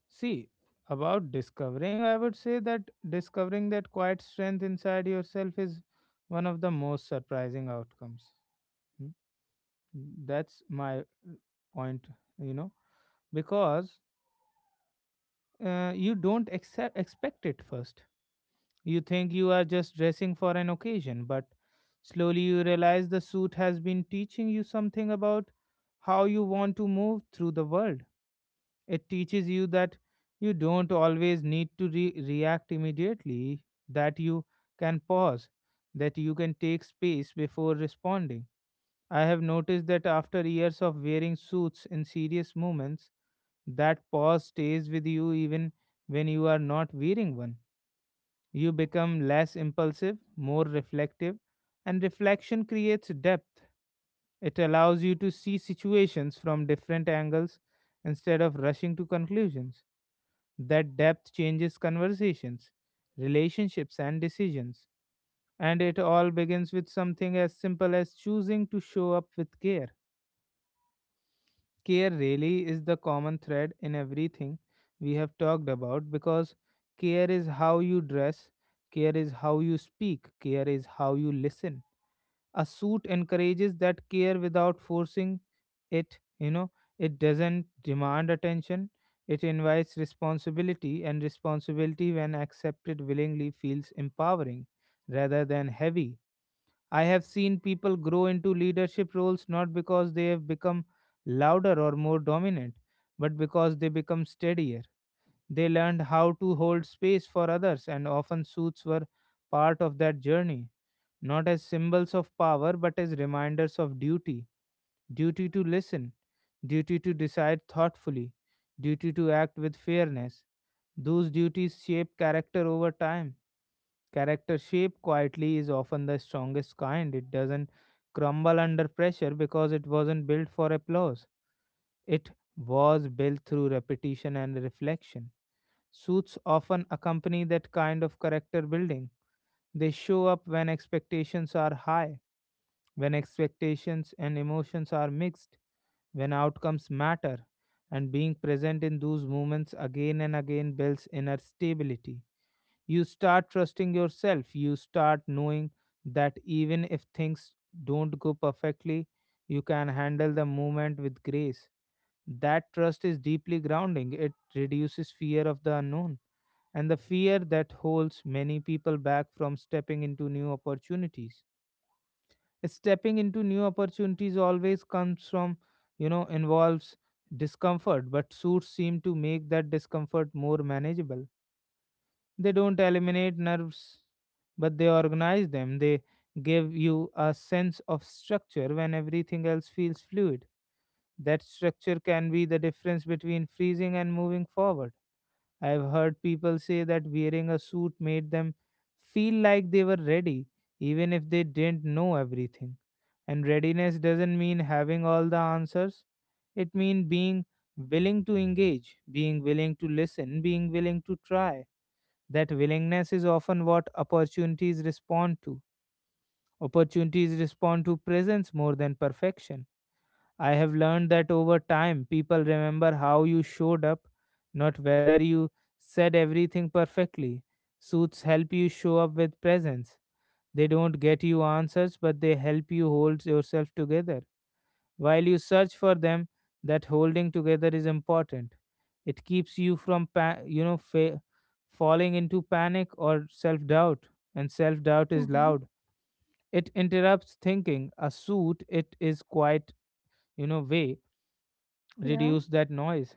Speaker 1: See, about discovering, I would say that discovering that quiet strength inside yourself is one of the most surprising outcomes. Hmm? That's my point, you know, because you don't expect it first. You think you are just dressing for an occasion, but slowly you realize the suit has been teaching you something about how you want to move through the world. It teaches you that you don't always need to react immediately, that you can pause, that you can take space before responding. I have noticed that after years of wearing suits in serious moments, that pause stays with you even when you are not wearing one. You become less impulsive, more reflective, and reflection creates depth. It allows you to see situations from different angles instead of rushing to conclusions. That depth changes conversations, relationships, and decisions. And it all begins with something as simple as choosing to show up with care. Care really is the common thread in everything we have talked about, because care is how you dress, care is how you speak, care is how you listen. A suit encourages that care without forcing it. It doesn't demand attention, it invites responsibility, and responsibility, when accepted willingly, feels empowering rather than heavy. I have seen people grow into leadership roles not because they have become louder or more dominant, but because they become steadier. They learned how to hold space for others, and often suits were part of that journey, not as symbols of power, but as reminders of duty. Duty to listen, duty to decide thoughtfully, duty to act with fairness. Those duties shape character over time. Character shaped quietly is often the strongest kind. It doesn't crumble under pressure because it wasn't built for applause. It was built through repetition and reflection. Suits often accompany that kind of character building. They show up when expectations are high, when expectations and emotions are mixed, when outcomes matter, and being present in those moments again and again builds inner stability. You start trusting yourself. You start knowing that even if things don't go perfectly, you can handle the moment with grace. That trust is deeply grounding. It reduces fear of the unknown and the fear that holds many people back from stepping into new opportunities. Stepping into new opportunities always comes from involves discomfort, but suits seem to make that discomfort more manageable. They don't eliminate nerves, but they organize them. They give you a sense of structure when everything else feels fluid. That structure can be the difference between freezing and moving forward. I've heard people say that wearing a suit made them feel like they were ready, even if they didn't know everything. And readiness doesn't mean having all the answers, it means being willing to engage, being willing to listen, being willing to try. That willingness is often what opportunities respond to. Opportunities respond to presence more than perfection. I have learned that over time, people remember how you showed up, not whether you said everything perfectly. Suits help you show up with presence. They don't get you answers, but they help you hold yourself together while you search for them. That holding together is important. It keeps you from, falling into panic or self doubt. And self doubt is
Speaker 2: Mm-hmm.
Speaker 1: loud, it interrupts thinking. A suit, it is quite, you know, way
Speaker 2: Yeah.
Speaker 1: reduce that noise.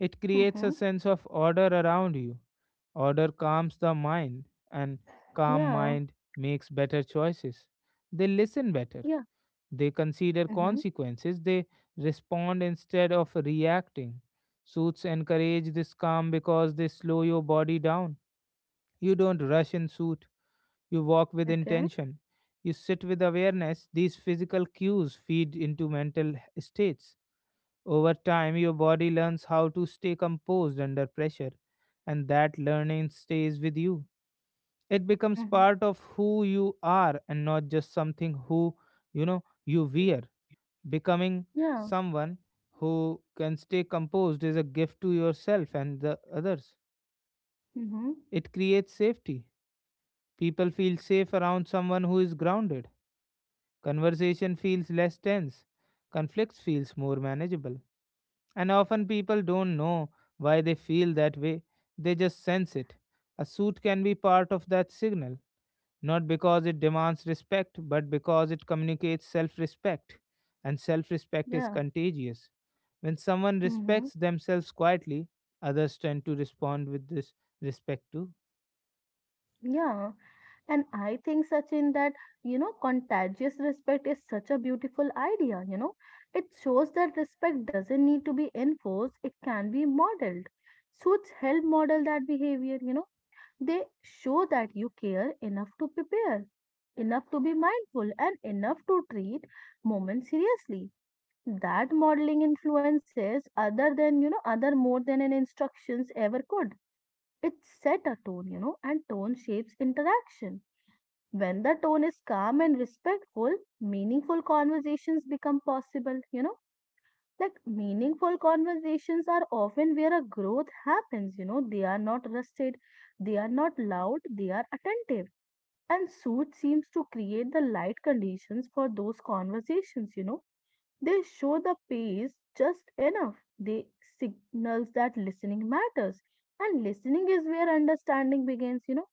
Speaker 1: It creates a
Speaker 2: Mm-hmm.
Speaker 1: sense of order around you. Order calms the mind, and calm
Speaker 2: Yeah.
Speaker 1: mind makes better choices. They listen better.
Speaker 2: Yeah.
Speaker 1: They consider
Speaker 2: Mm-hmm.
Speaker 1: consequences. They respond instead of reacting. Suits encourage this calm because they slow your body down. You don't rush in suit. You walk with
Speaker 2: Okay.
Speaker 1: intention. You sit with awareness. These physical cues feed into mental states. Over time, your body learns how to stay composed under pressure, and that learning stays with you. It becomes
Speaker 2: Mm-hmm.
Speaker 1: part of who you are and not just something who, you know, you
Speaker 2: You
Speaker 1: wear.
Speaker 2: know,
Speaker 1: Becoming
Speaker 2: yeah.
Speaker 1: someone who can stay composed is a gift to yourself and the others.
Speaker 2: Mm-hmm.
Speaker 1: It creates safety. People feel safe around someone who is grounded. Conversation feels less tense, conflicts feels more manageable. And often people don't know why they feel that way, they just sense it. A suit can be part of that signal, not because it demands respect, but because it communicates self respect. And self respect is
Speaker 2: Yeah.
Speaker 1: contagious. When someone
Speaker 2: Mm-hmm.
Speaker 1: respects themselves quietly, others tend to respond with this respect too.
Speaker 2: Yeah. And I think, Sachin, that, contagious respect is such a beautiful idea, It shows that respect doesn't need to be enforced, it can be modeled. Suits help model that behavior, They show that you care enough to prepare, enough to be mindful, and enough to treat moments seriously. That modeling influences other than, other more than an instructions ever could. It set a tone, and tone shapes interaction when the tone is calm and respectful, meaningful conversations become possible. Like meaningful conversations are often where a growth happens. They are not rusted, they are not loud, they are attentive. And suit seems to create the light conditions for those conversations. They show the pace just enough. They signals that listening matters. And listening is where understanding begins.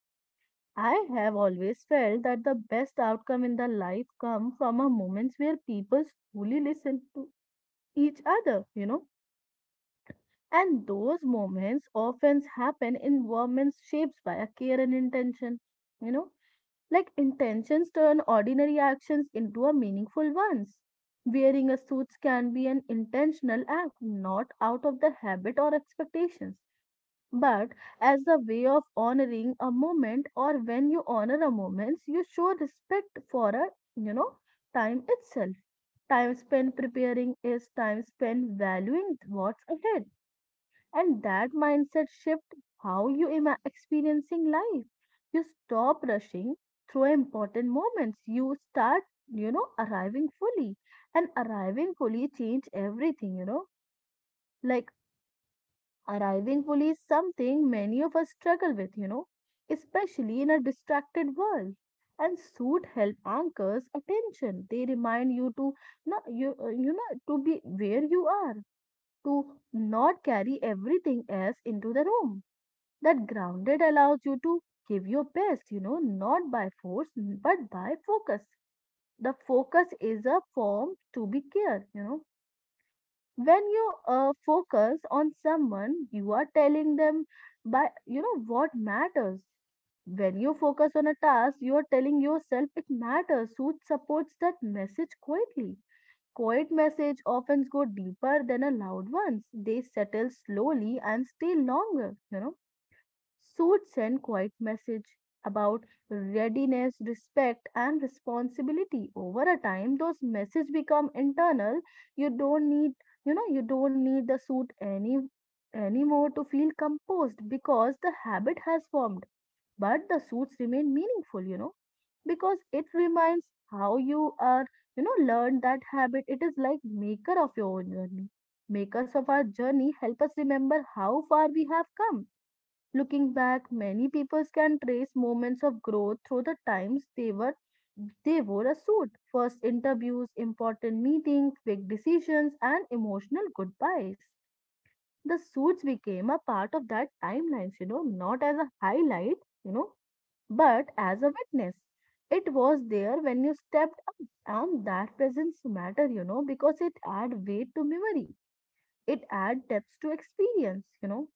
Speaker 2: I have always felt that the best outcome in the life come from a moments where people truly listen to each other. And those moments often happen in environments shaped by a care and intention, you know. Like intentions turn ordinary actions into a meaningful ones. Wearing a suit can be an intentional act, not out of the habit or expectations but as a way of honoring a moment, or when you honor a moment you show respect for a you know time itself. Time spent preparing is time spent valuing what's ahead, and that mindset shift, how you experiencing life. You stop rushing through important moments. You start, arriving fully, and arriving fully change everything. Like arriving fully is something many of us struggle with, you know, especially in a distracted world. And suit help anchors attention. They remind you to not to be where you are, to not carry everything else into the room. That grounded allows you to give your best, you know, not by force but by focus. The focus is a form to be care. When you focus on someone you are telling them by what matters. When you focus on a task you are telling yourself it matters, who supports that message quietly. Quiet message often go deeper than a loud ones. They settle slowly and stay longer. Suits send quite message about readiness, respect, and responsibility. Over a time, those messages become internal. You don't need, you know, you don't need the suit anymore to feel composed because the habit has formed. But the suits remain meaningful, you know, because it reminds how you are, learn that habit. It is like maker of your own journey. Makers of our journey help us remember how far we have come. Looking back, many people can trace moments of growth through the times they wore a suit. First interviews, important meetings, big decisions, and emotional goodbyes. The suits became a part of that timelines, you know, not as a highlight, you know, but as a witness. It was there when you stepped up, and that presence matter, you know, because it add weight to memory. It add depth to experience, you know,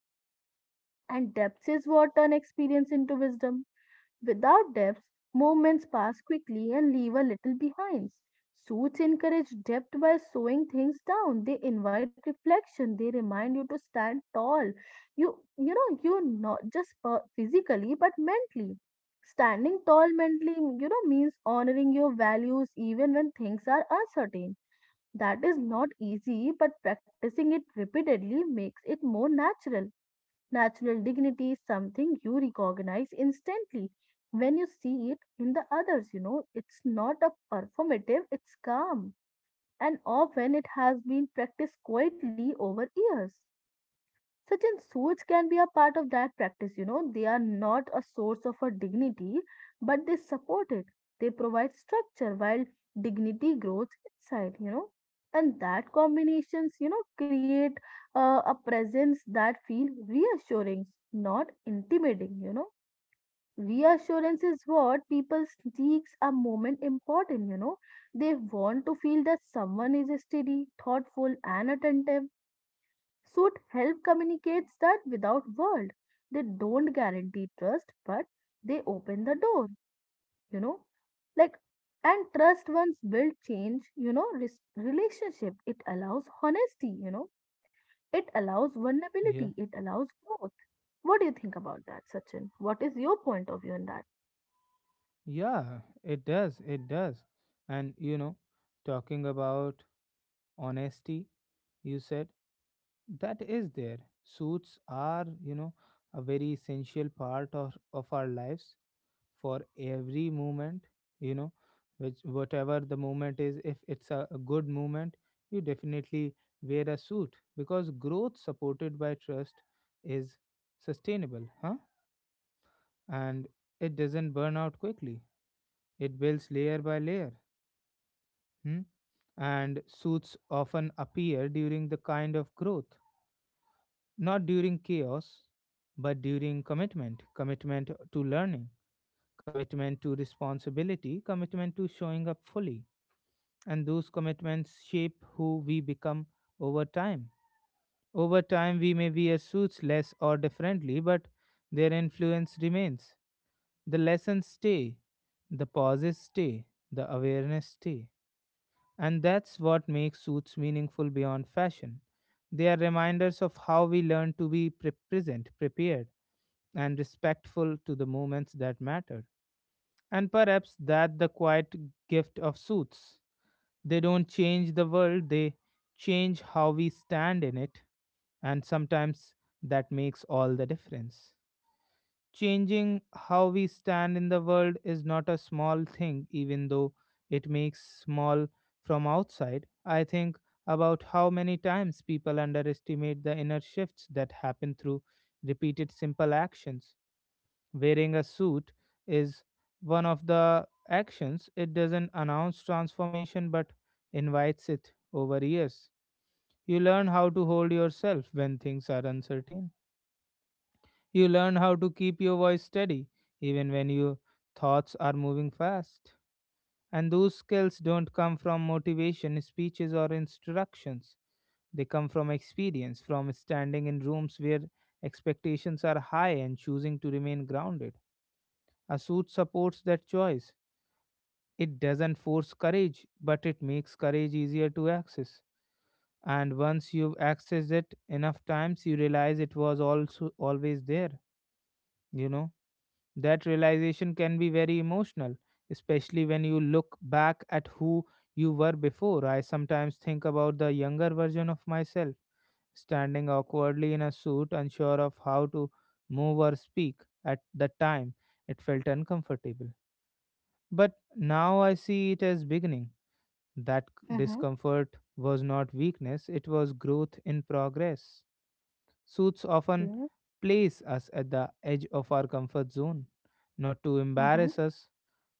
Speaker 2: and depth is what turn experience into wisdom. Without depth, movements pass quickly and leave a little behind. Suits encourage depth by slowing things down. They invite reflection. They remind you to stand tall. You not just physically but mentally. Standing tall mentally, you know, means honoring your values even when things are uncertain. That is not easy, but practicing it repeatedly makes it more natural. Natural dignity is something you recognize instantly when you see it in the others. You know, it's not a performative, it's calm. And often it has been practiced quietly over years. Certain suits can be a part of that practice, you know. They are not a source of a dignity, but they support it. They provide structure while dignity grows inside. And that combinations, you know, create a presence that feel reassuring, not intimidating. Reassurance is what people seeks a moment important, you know. They want to feel that someone is steady, thoughtful, and attentive. Suit help communicates that without word. They don't guarantee trust, but they open the door, you know. Like and trust once built change, you know, relationship. It allows honesty, you know. It allows vulnerability.
Speaker 1: Yeah,
Speaker 2: It allows growth. What do you think about that, Sachin? What is your point of view on that?
Speaker 1: yeah, it does, it does. And you know, talking about honesty, you said that is there suits are, you know, a very essential part of our lives, for every moment, you know, which whatever the moment is, if it's a good moment, you definitely wear a suit, because growth supported by trust is sustainable, huh? And it doesn't burn out quickly, it builds layer by layer. Hmm? And suits often appear during the kind of growth. Not during chaos, but during commitment. Commitment to learning, commitment to responsibility, commitment to showing up fully. And those commitments shape who we become over time. Over time, we may wear suits less or differently, but their influence remains. The lessons stay, the pauses stay, the awareness stay. And that's what makes suits meaningful beyond fashion. They are reminders of how we learn to be present, prepared, and respectful to the moments that mattered. And perhaps that the quiet gift of suits. They don't change the world, they change how we stand in it, and sometimes that makes all the difference. Changing how we stand in the world is not a small thing, even though it makes small from outside. I think about how many times people underestimate the inner shifts that happen through repeated simple actions. Wearing a suit is one of the actions. It doesn't announce transformation but invites it over years. You learn how to hold yourself when things are uncertain. You learn how to keep your voice steady even when your thoughts are moving fast. And those skills don't come from motivation, speeches, or instructions. They come from experience, from standing in rooms where expectations are high and choosing to remain grounded. A suit supports that choice. It doesn't force courage, but it makes courage easier to access. And once you've accessed it enough times, you realize it was also always there. You know, that realization can be very emotional, especially when you look back at who you were before. I sometimes think about the younger version of myself, standing awkwardly in a suit, unsure of how to move or speak. At the time, it felt uncomfortable. But now I see it as beginning. That
Speaker 2: Mm-hmm.
Speaker 1: discomfort was not weakness, it was growth in progress. Suits often place us at the edge of our comfort zone, not to
Speaker 2: Mm-hmm.
Speaker 1: embarrass us,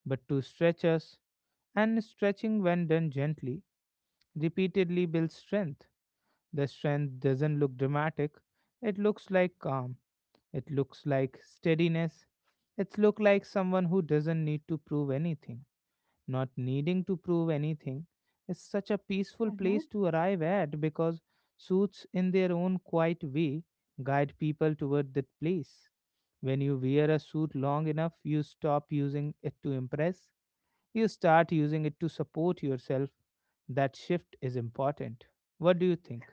Speaker 1: but to stretch us. And stretching, when done gently, repeatedly builds strength. The strength doesn't look dramatic, it looks like calm, it looks like steadiness, it looks like someone who doesn't need to prove anything. Not needing to prove anything is such a peaceful
Speaker 2: Mm-hmm.
Speaker 1: place to arrive at, because suits, in their own quiet way, guide people toward that place. When you wear a suit long enough, you stop using it to impress, you start using it to support yourself. That shift is important. What do you think?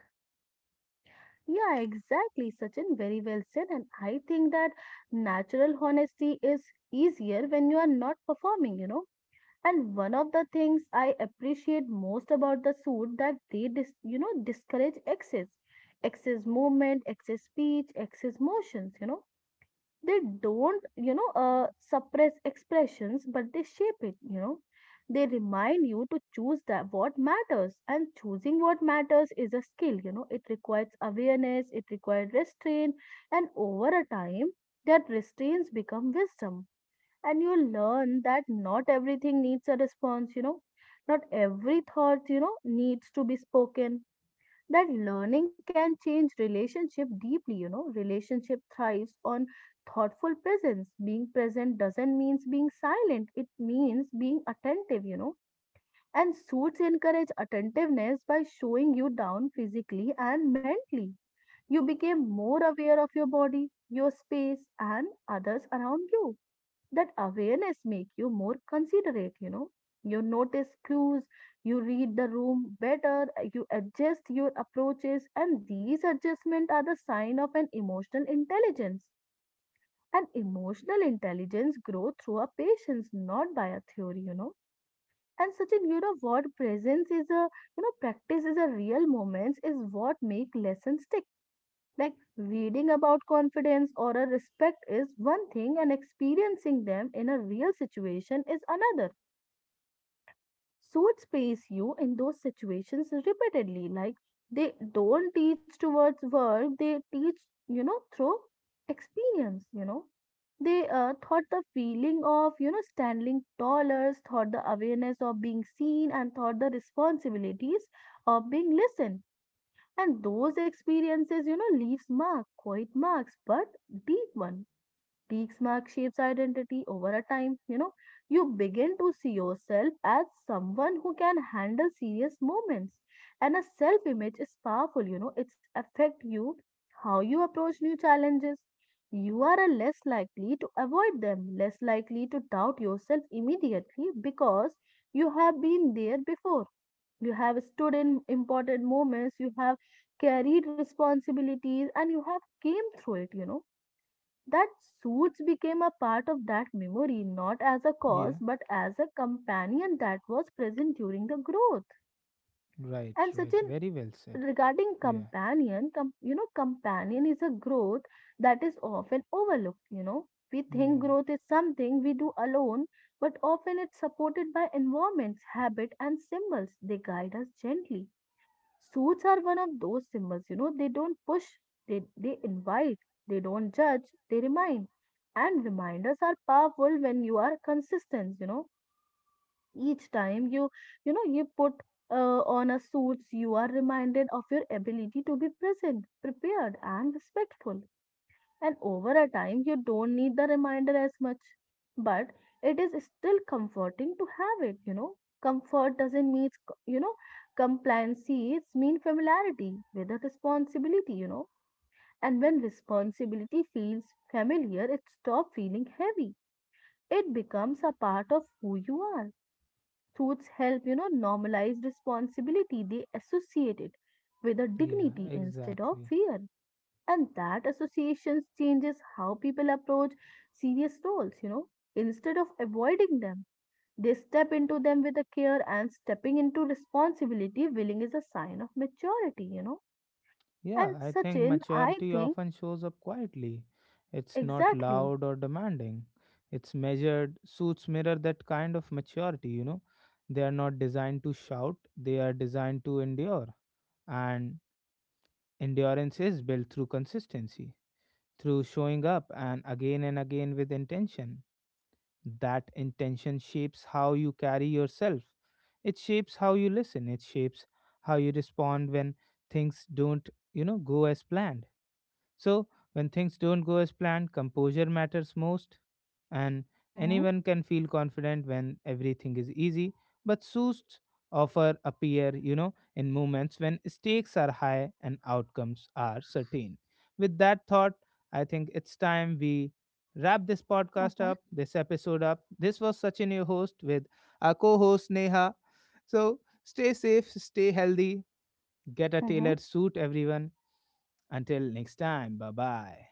Speaker 2: Yeah, exactly, Sachin. Very well said. And I think that natural honesty is easier when you are not performing, you know. And one of the things I appreciate most about the suit, that they discourage excess, excess movement, excess speech, excess motions, you know, they don't suppress expressions but they shape it. They remind you to choose that what matters, and choosing what matters is a skill, you know, it requires awareness, it requires restraint, and over a time that restraints become wisdom, and you learn that not everything needs a response. Not every thought needs to be spoken. That learning can change relationship deeply, you know, relationship thrives on thoughtful presence. Being present doesn't means being silent, it means being attentive, you know, and suits encourage attentiveness by showing you down physically and mentally. You became more aware of your body, your space, and others around you. That awareness make you more considerate, you know, you notice clues, you read the room better, you adjust your approaches, and these adjustments are the sign of an emotional intelligence. And emotional intelligence grows through a patience, not by a theory, you know. And such an, you know what presence is a, practice is a real moments is what make lessons stick. Like reading about confidence or a respect is one thing, and experiencing them in a real situation is another. Suits place you in those situations repeatedly. Like they don't teach towards work, they teach, through experience, you know. They thought the feeling of, standing taller, thought the awareness of being seen, and thought the responsibilities of being listened, and those experiences, you know, leaves mark, quiet marks, but deep one. Deep mark shapes identity over a time. You know, you begin to see yourself as someone who can handle serious moments. And a self-image is powerful, you know, it's affect you, how you approach new challenges. You are a less likely to avoid them, less likely to doubt yourself immediately because you have been there before. You have stood in important moments, you have carried responsibilities, and you have came through it. That suits became a part of that memory, not as a cause
Speaker 1: Yeah,
Speaker 2: but as a companion that was present during the growth.
Speaker 1: right,
Speaker 2: And such
Speaker 1: right.
Speaker 2: an
Speaker 1: Very well said.
Speaker 2: regarding
Speaker 1: Yeah.
Speaker 2: companion, companion is a growth that is often overlooked, you know, we think
Speaker 1: Hmm.
Speaker 2: growth is something we do alone, but often it's supported by environments, habit, and symbols. They guide us gently. Suits are one of those symbols, you know, they don't push, they invite, they don't judge, they remind. And reminders are powerful when you are consistent, you know. Each time you put uh, on a suits, you are reminded of your ability to be present, prepared, and respectful, and over a time you don't need the reminder as much, but it is still comforting to have it. Comfort doesn't mean it's compliancy, it's mean familiarity with a responsibility, you know, and when responsibility feels familiar it stops feeling heavy, it becomes a part of who you are. Suits help, normalize responsibility, they associate it with a
Speaker 1: Yeah,
Speaker 2: dignity instead of
Speaker 1: exactly.
Speaker 2: fear. And that associations changes how people approach serious roles, you know, instead of avoiding them, they step into them with a care, and stepping into responsibility willing is a sign of maturity, you know. And
Speaker 1: Yeah, I think
Speaker 2: Sachin, I
Speaker 1: maturity
Speaker 2: think,
Speaker 1: often shows up quietly. It's not
Speaker 2: exactly.
Speaker 1: loud or demanding. It's measured. Suits mirror that kind of maturity, you know. They are not designed to shout, they are designed to endure. And endurance is built through consistency, through showing up and again with intention. That intention shapes how you carry yourself. It shapes how you listen. It shapes how you respond when things don't, you know, go as planned. So, when things don't go as planned, composure matters most, and
Speaker 2: Mm-hmm,
Speaker 1: anyone can feel confident when everything is easy. But suits offer appear, you know, in moments when stakes are high and outcomes are certain. With that thought, I think it's time we wrap this podcast
Speaker 2: mm-hmm,
Speaker 1: up, this episode up. This was Sachin, your host, with our co host Neha. So, stay safe, stay healthy, get a tailored
Speaker 2: mm-hmm.
Speaker 1: suit, everyone. Until next time, bye bye.